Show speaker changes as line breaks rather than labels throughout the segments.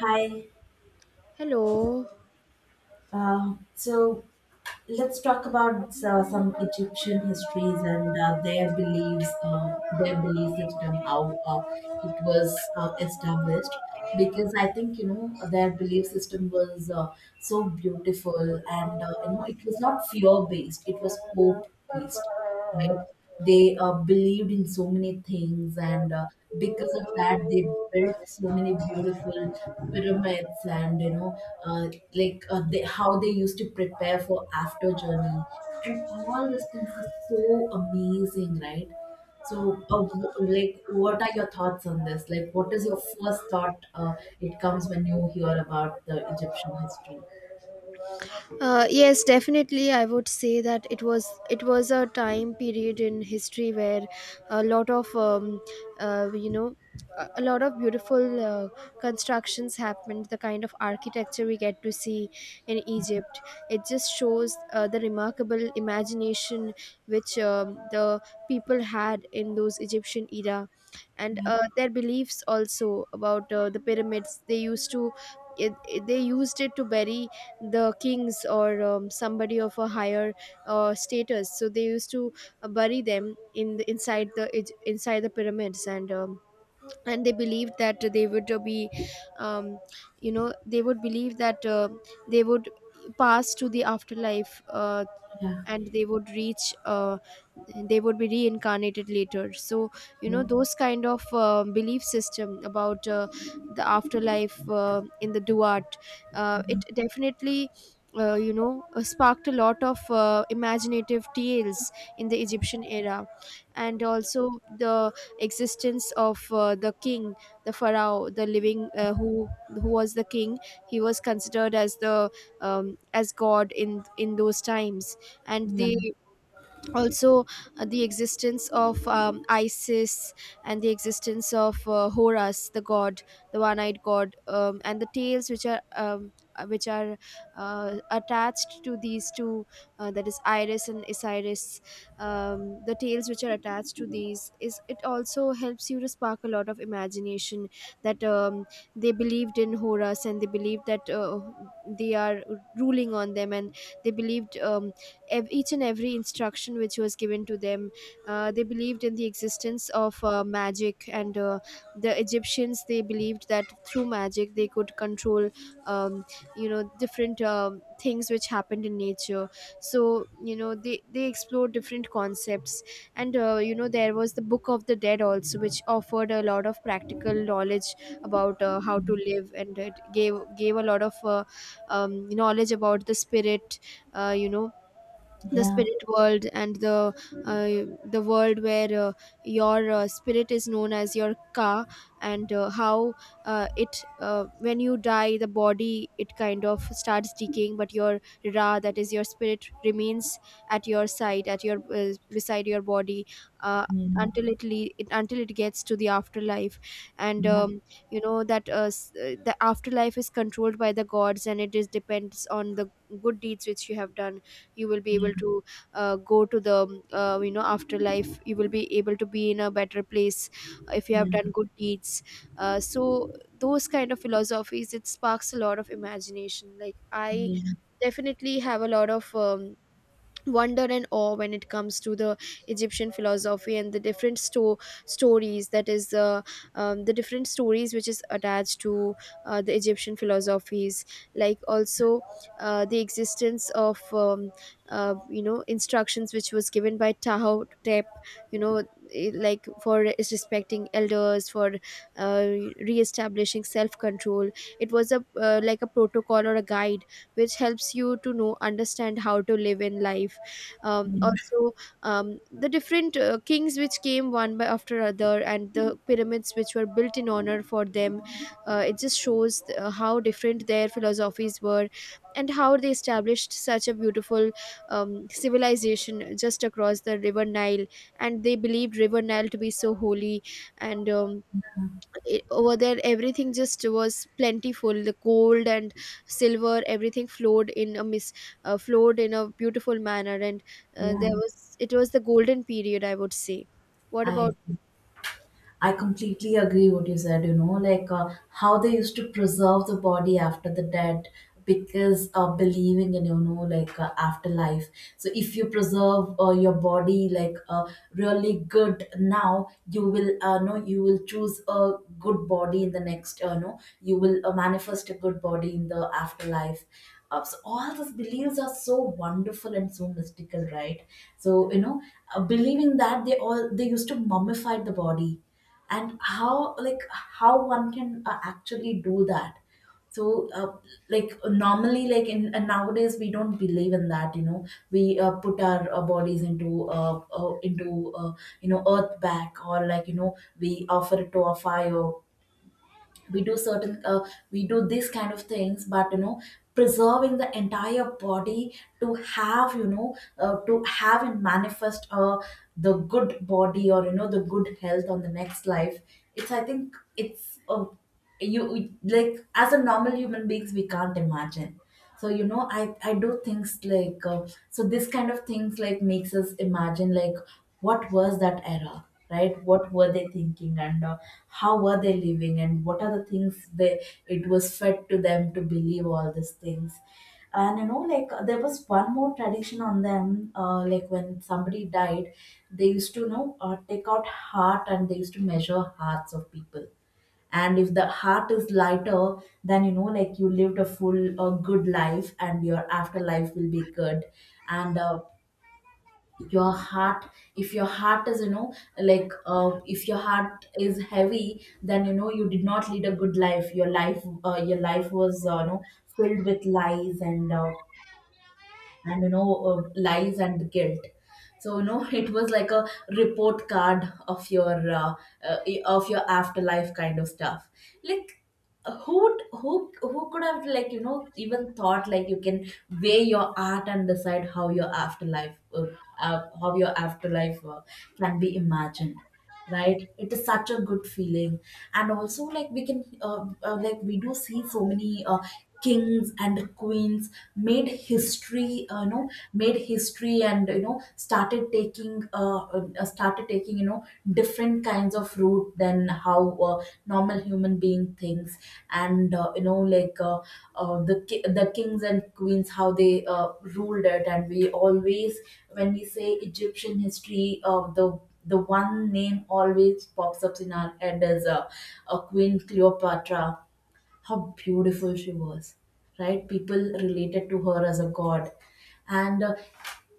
Hi.
Hello.
So let's talk about some Egyptian histories and their beliefs, their belief system, how it was established. Because I think you know their belief system was so beautiful, and you know it was not fear based; it was hope based, right? They believed in so many things, and because of that, they built so many beautiful pyramids, and uh, they, how they used to prepare for after journey, and all these things are so amazing, right? So, like, what are your thoughts on this? Like, what is your first thought? It comes when you hear about the Egyptian history.
Yes, definitely. I would say that it was a time period in history where a lot of uh, you know a lot of beautiful constructions happened. The kind of architecture we get to see in Egypt, it just shows the remarkable imagination which the people had in those Egyptian era, and
Yeah,
their beliefs also about the pyramids. They used to they used it to bury the kings or somebody of a higher status, so they used to bury them in the, inside the inside the pyramids, and they believed that they would be, um, they would believe that they would pass to the afterlife,
yeah,
and they would reach, they would be reincarnated later. So
yeah,
those kind of belief system about the afterlife, in the duat, it definitely sparked a lot of imaginative tales in the Egyptian era. And also the existence of the king, the pharaoh, the living, who was the king, he was considered as the as god in those times. And
yeah,
the also, the existence of Isis, and the existence of Horus the god, the one-eyed god, and the tales which are attached to these two, that is Iris and Osiris. The tales which are attached to these, is it also helps you to spark a lot of imagination, that they believed in Horus, and they believed that they are ruling on them, and they believed, each and every instruction which was given to them. They believed in the existence of magic, and the Egyptians, they believed that through magic they could control um, different things which happened in nature. So they explored different concepts, and there was the Book of the Dead also, which offered a lot of practical knowledge about how to live, and it gave a lot of knowledge about the spirit. Uh, you know the
yeah,
spirit world, and the world where your spirit is known as your ka. And how it when you die, the body, it kind of starts decaying, but your ra, that is your spirit, remains at your side, at your beside your body, uh,
yeah.
until it, le- it until it gets to the afterlife. And
Yeah.
that the afterlife is controlled by the gods, and it is depends on the good deeds which you have done. You will be able to go to the afterlife, you will be able to be in a better place if you
Yeah,
have done good deeds. So those kind of philosophies, it sparks a lot of imagination. Like I
in
definitely have a lot of wonder and awe when it comes to the Egyptian philosophy and the different stories, that is the different stories which is attached to the Egyptian philosophies. Like also the existence of instructions which was given by Taho Tep, you know like for is respecting elders, for uh, re-establishing self-control. It was a like a protocol or a guide which helps you to know, understand how to live in life. Also, the different kings which came one by after other, and the pyramids which were built in honor for them, it just shows how different their philosophies were, and how they established such a beautiful civilization just across the river Nile. And they believed river Nile to be so holy, and over there, everything just was plentiful, the gold and silver, everything flowed in a mis flowed in a beautiful manner. And there
winter,
was it was the golden period, I would say. What
I
about
I completely agree what you said, you know, like how they used to preserve the body after the dead because believing in, you know, like afterlife. So if you preserve your body like really good now, you will no you will choose a good body in the next, no, you will manifest a good body in the afterlife. So all these beliefs are so wonderful and so mystical, right? So, you know, believing that they all they used to mummify the body, and how like how one can actually do that. So like normally like in and nowadays we don't believe in that, you know, we put our bodies into you know, earth back, or like, you know, we offer it to a fire. We do certain we do these kind of things, but you know, preserving the entire body to have, you know, to have and manifest the good body, or you know, the good health on the next life. It's, I think it's you, like as a normal human beings, we can't imagine. So you know, I do things like so this kind of things like makes us imagine like what was that era, right? What were they thinking, and how were they living, and what are the things they, it was fed to them to believe all these things. And you know, like there was one more tradition on them. Like when somebody died, they used to, you know, take out heart, and they used to measure hearts of people. And if the heart is lighter, then you know, like you lived a full, a good life, and your afterlife will be good. And your heart, if your heart is you know, like if your heart is heavy, then you know, you did not lead a good life, your life your life was you know, filled with lies and you know, lies and guilt. So you know, it was like a report card uh, of your afterlife kind of stuff. Like, who would- who who could have like, you know, even thought like you can weigh your art and decide how your afterlife can be imagined, right? It is such a good feeling. And also like we can like we do see so many kings and queens made history, you know, made history, and you know, started taking started taking, you know, different kinds of route than how normal human being thinks. And you know like the kings and queens how they ruled it. And we always, when we say Egyptian history, the one name always pops up in our head is a Queen Cleopatra, how beautiful she was, right? People related to her as a god. And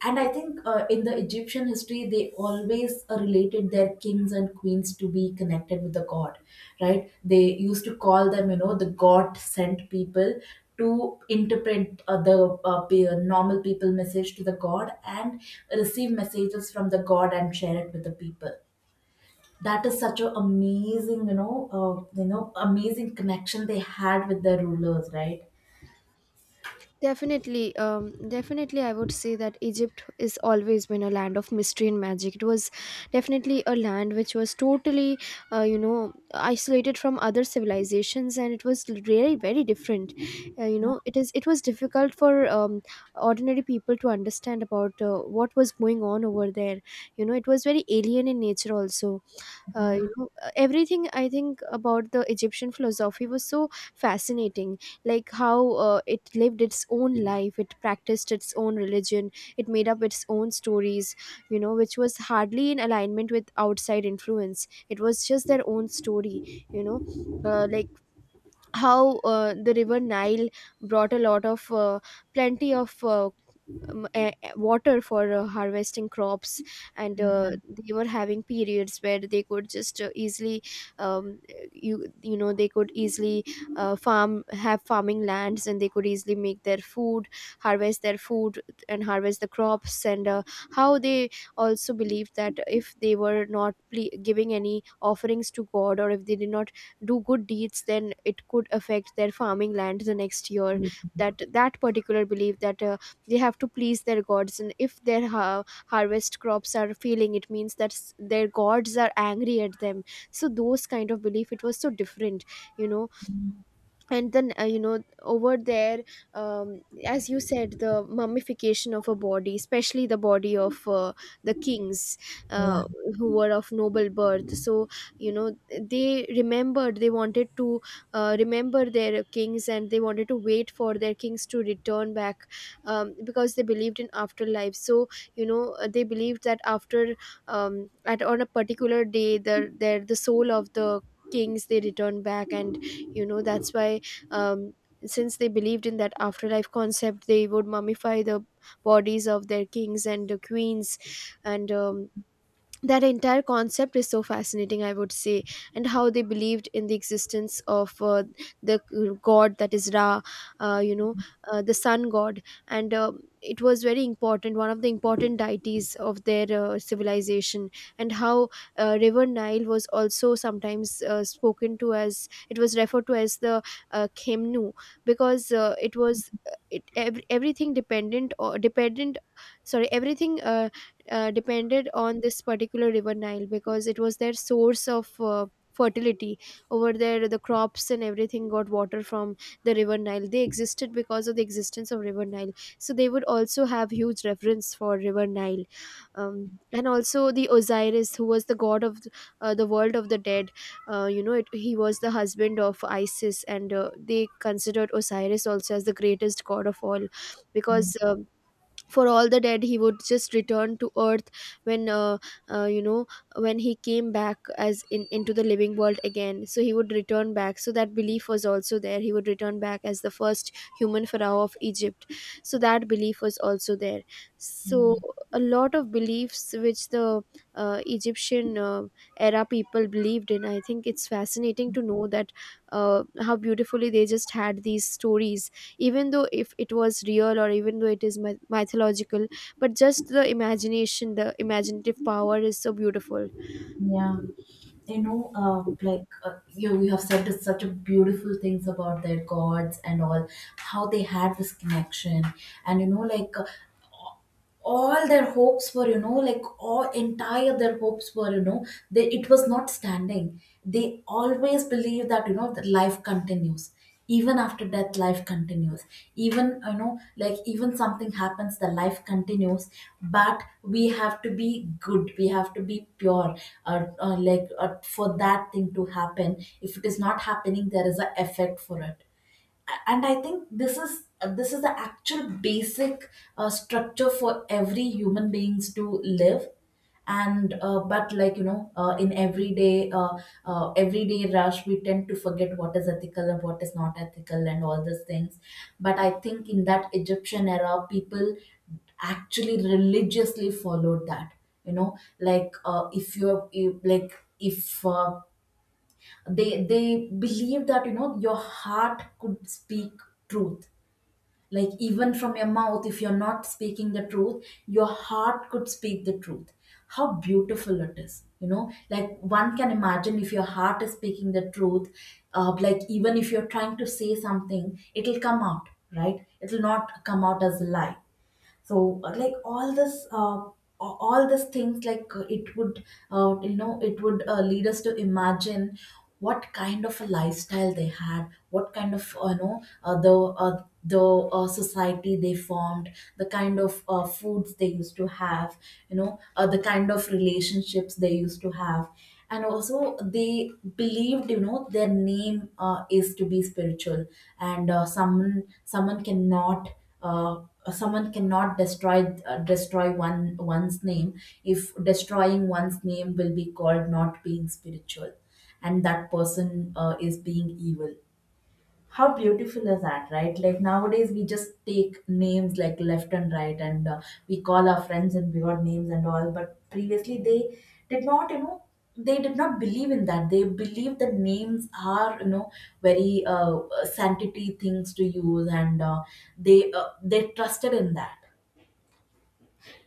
and I think in the Egyptian history, they always related their kings and queens to be connected with the god, right? They used to call them, you know, the god sent people to interpret normal people message to the god, and receive messages from the god and share it with the people. That is such an amazing, you know, you know, amazing connection they had with their rulers, right?
Definitely, definitely, I would say that Egypt is always been a land of mystery and magic. It was definitely a land which was totally isolated from other civilizations, and it was really very different. It was difficult for ordinary people to understand about what was going on over there. You know, it was very alien in nature also.
Yeah,
Everything, I think, about the Egyptian philosophy was so fascinating. Like how it lived its own life, it practiced its own religion, it made up its own stories, you know, which was hardly in alignment with outside influence. It was just their own story, you know. Like how The river Nile brought a lot of plenty of water for harvesting crops. And they were having periods where they could just easily um, they could easily farm, have farming lands, and they could easily make their food, harvest their food, and harvest the crops. And how they also believed that if they were not giving any offerings to god, or if they did not do good deeds, then it could affect their farming land the next year.
yeah,
That particular belief, that they have to please their gods, and if their harvest crops are failing, it means that their gods are angry at them. So those kind of belief, it was so different, you know. And then over there, as you said, the mummification of a body, especially the body of the kings, uh, who were of noble birth. So you know, they remembered, they wanted to remember their kings, and they wanted to wait for their kings to return back, because they believed in afterlife. So they believed that after, at on a particular day, the their the soul of the kings, they return back. And you know, that's why um, since they believed in that afterlife concept, they would mummify the bodies of their kings and the queens. And that entire concept is so fascinating, I would say. And how they believed in the existence of the god, that is Ra, uh, you know the sun god. And it was very important, one of the important deities of their civilization. And how river Nile was also sometimes spoken to as, it was referred to as the khemnu, because it was it ev- everything dependent or dependent, sorry, everything depended on this particular river Nile, because it was their source of fertility. Over there, the crops and everything got water from the river Nile. They existed because of the existence of river Nile, so they would also have huge reverence for river Nile. And also the Osiris, who was the god of the world of the dead. He was the husband of Isis, and they considered Osiris also as the greatest god of all,
yeah,
because for all the dead, he would just return to earth. When uh, you know when he came back as in into the living world again, so he would return back. So that belief was also there, he would return back as the first human pharaoh of Egypt. So that belief was also there.
yeah.
So a lot of beliefs which the Egyptian era people believed in, I think it's fascinating to know that how beautifully they just had these stories, even though if it was real, or even though it is mythological, but just the imagination, the imaginative power, is so beautiful.
Yeah. You know, you, you have said it's such a beautiful things about their gods and all, how they had this connection. And you know like all their hopes were, you know, like all entire their hopes were, you know, they, it was not standing, they always believe that you know that life continues, even after death life continues, even you know, like even something happens the life continues. But we have to be good, we have to be pure, for that thing to happen. If it is not happening, there is a effect for it. And I think this is the actual basic structure for every human beings to live. And but like you know, in everyday everyday rush, we tend to forget what is ethical and what is not ethical and all these things. But I think in that Egyptian era, people actually religiously followed that, you know. Like if you're you, like if uh, they believe that, you know, your heart could speak truth. Like even from your mouth if you're not speaking the truth, your heart could speak the truth. How beautiful it is, you know, like one can imagine if your heart is speaking the truth. Like even if you're trying to say something, it'll come out, right? It'll not come out as a lie. So all this all these things like it would it would lead us to imagine what kind of a lifestyle they had, what kind of the society they formed, the kind of foods they used to have, you know, the kind of relationships they used to have. And also they believed, you know, their name is to be spiritual. And someone cannot someone cannot destroy destroy one's name. If destroying one's name will be called not being spiritual, and that person is being evil. How beautiful is that, right? Like nowadays we just take names like left and right, and we call our friends and we got names and all. But previously they did not, you know, they did not believe in that. They believed that names are, you know, very sanctity things to use. And they trusted in that.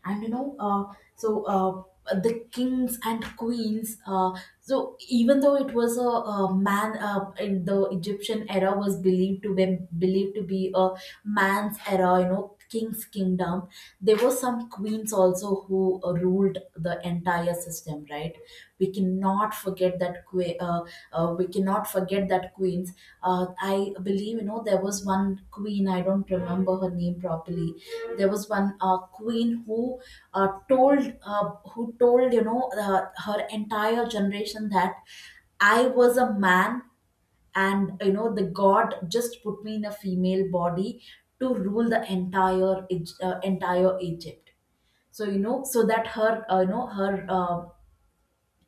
And you know, the kings and queens, so even though it was a man in the Egyptian era was believed to be a man's era, you know, king's kingdom, there were some queens also who ruled the entire system, right? We cannot forget that we cannot forget that queens. uh, I believe, you know, there was one queen, I don't remember her name properly. There was one queen who told who told, you know, her entire generation that I was a man, and you know, the God just put me in a female body to rule the entire entire Egypt. So you know, so that her you know her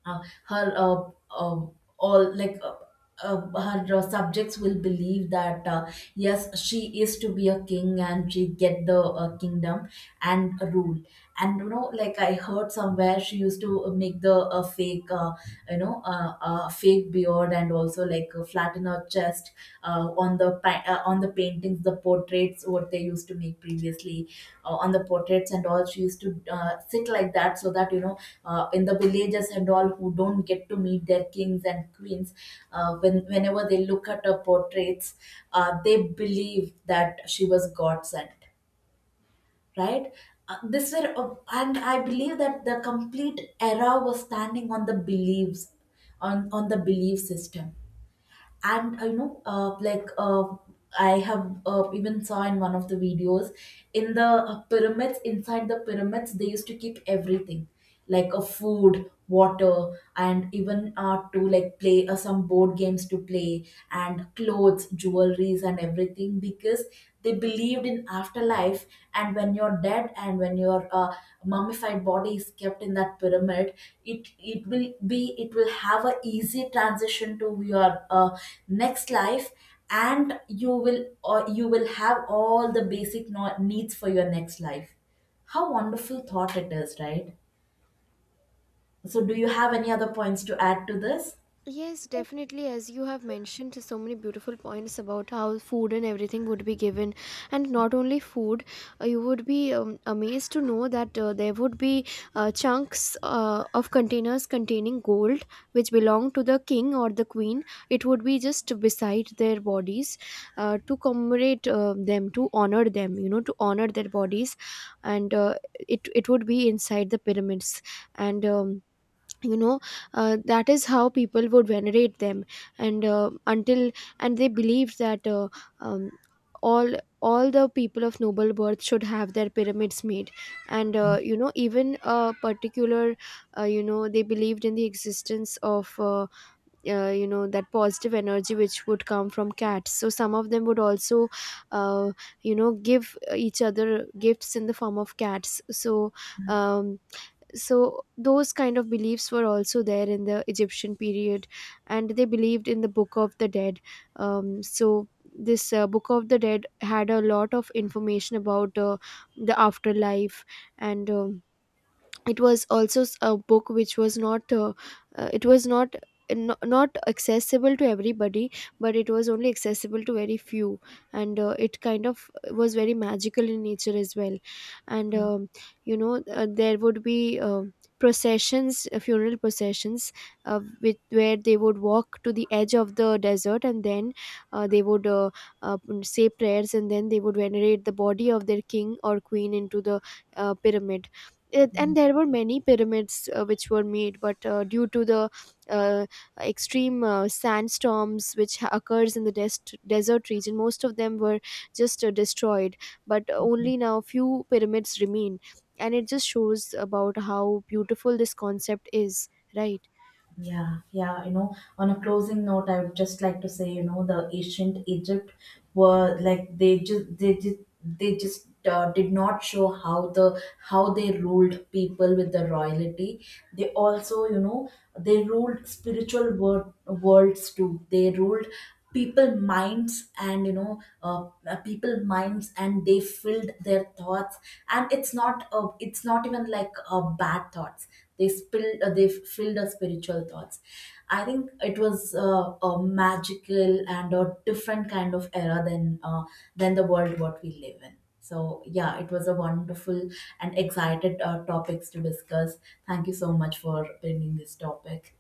uh, her uh, all like her subjects will believe that yes, she is to be a king and she get the kingdom and rule. And you know, like I heard somewhere she used to make the fake fake beard, and also like flatten her just on the paintings, the portraits, what they used to make previously on the portraits and all. She used to sit like that so that you know, in the villages and all who don't get to meet their kings and queens, whenever they look at her portraits, they believe that she was God sent, right? This were and I believe that the complete era was standing on the beliefs, on the belief system. And you know, I have even saw in one of the videos, in the pyramids, inside the pyramids they used to keep everything like a food, water, and even to like play some board games to play, and clothes, jewelries and everything, because they believed in afterlife. And when you're dead and when your mummified body is kept in that pyramid, it will be, it will have a easy transition to your uh, next life. And you will have all the basic needs for your next life. How wonderful thought it is, right? So do you have any other points to add to this?
Yes, definitely. As you have mentioned so many beautiful points about how food and everything would be given, and not only food, you would be amazed to know that there would be chunks of containers containing gold which belong to the king or the queen. It would be just beside their bodies to commemorate them, to honor them, you know, to honor their bodies, and it it would be inside the pyramids. And you know that is how people would venerate them. And until and they believed that um, all all the people of noble birth should have their pyramids made. And even a particular they believed in the existence of that positive energy which would come from cats. So some of them would also uh, give each other gifts in the form of cats. So um, so those kind of beliefs were also there in the Egyptian period. And they believed in the Book of the Dead. So this Book of the Dead had a lot of information about the afterlife. And it was also a book which was not it was not, not accessible to everybody, but it was only accessible to very few. And it kind of was very magical in nature as well. And there would be processions, funeral processions, with where they would walk to the edge of the desert, and then they would uh, say prayers, and then they would venerate the body of their king or queen into the pyramid. And there were many pyramids which were made, but due to the uh, extreme sandstorms which occurs in the desert region, most of them were just destroyed. But only now few pyramids remain. And it just shows about how beautiful this concept is, right?
Yeah, yeah, you know, on a closing note, I would just like to say, you know, the ancient Egypt were like, they just did not show how the how they ruled people with the royalty. They also, you know, they ruled worlds too. They ruled people minds, and you know, people minds, and they filled their thoughts. And it's not even like bad thoughts, they spilled they filled our spiritual thoughts. I think it was a magical and a different kind of era than the world what we live in. So yeah, it was a wonderful and excited topics to discuss. Thank you so much for bringing this topic.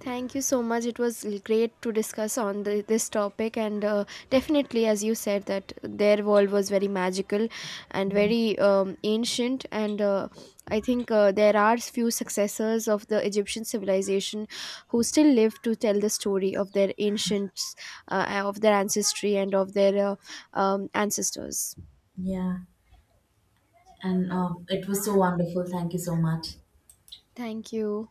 Thank you so much. It was great to discuss on the, this topic, and definitely, as you said, that their world was very magical and very ancient. And I think there are few successors of the Egyptian civilization who still live to tell the story of their ancients, of their ancestry, and of their ancestors.
Yeah, and it was so wonderful, thank you so much.
Thank you.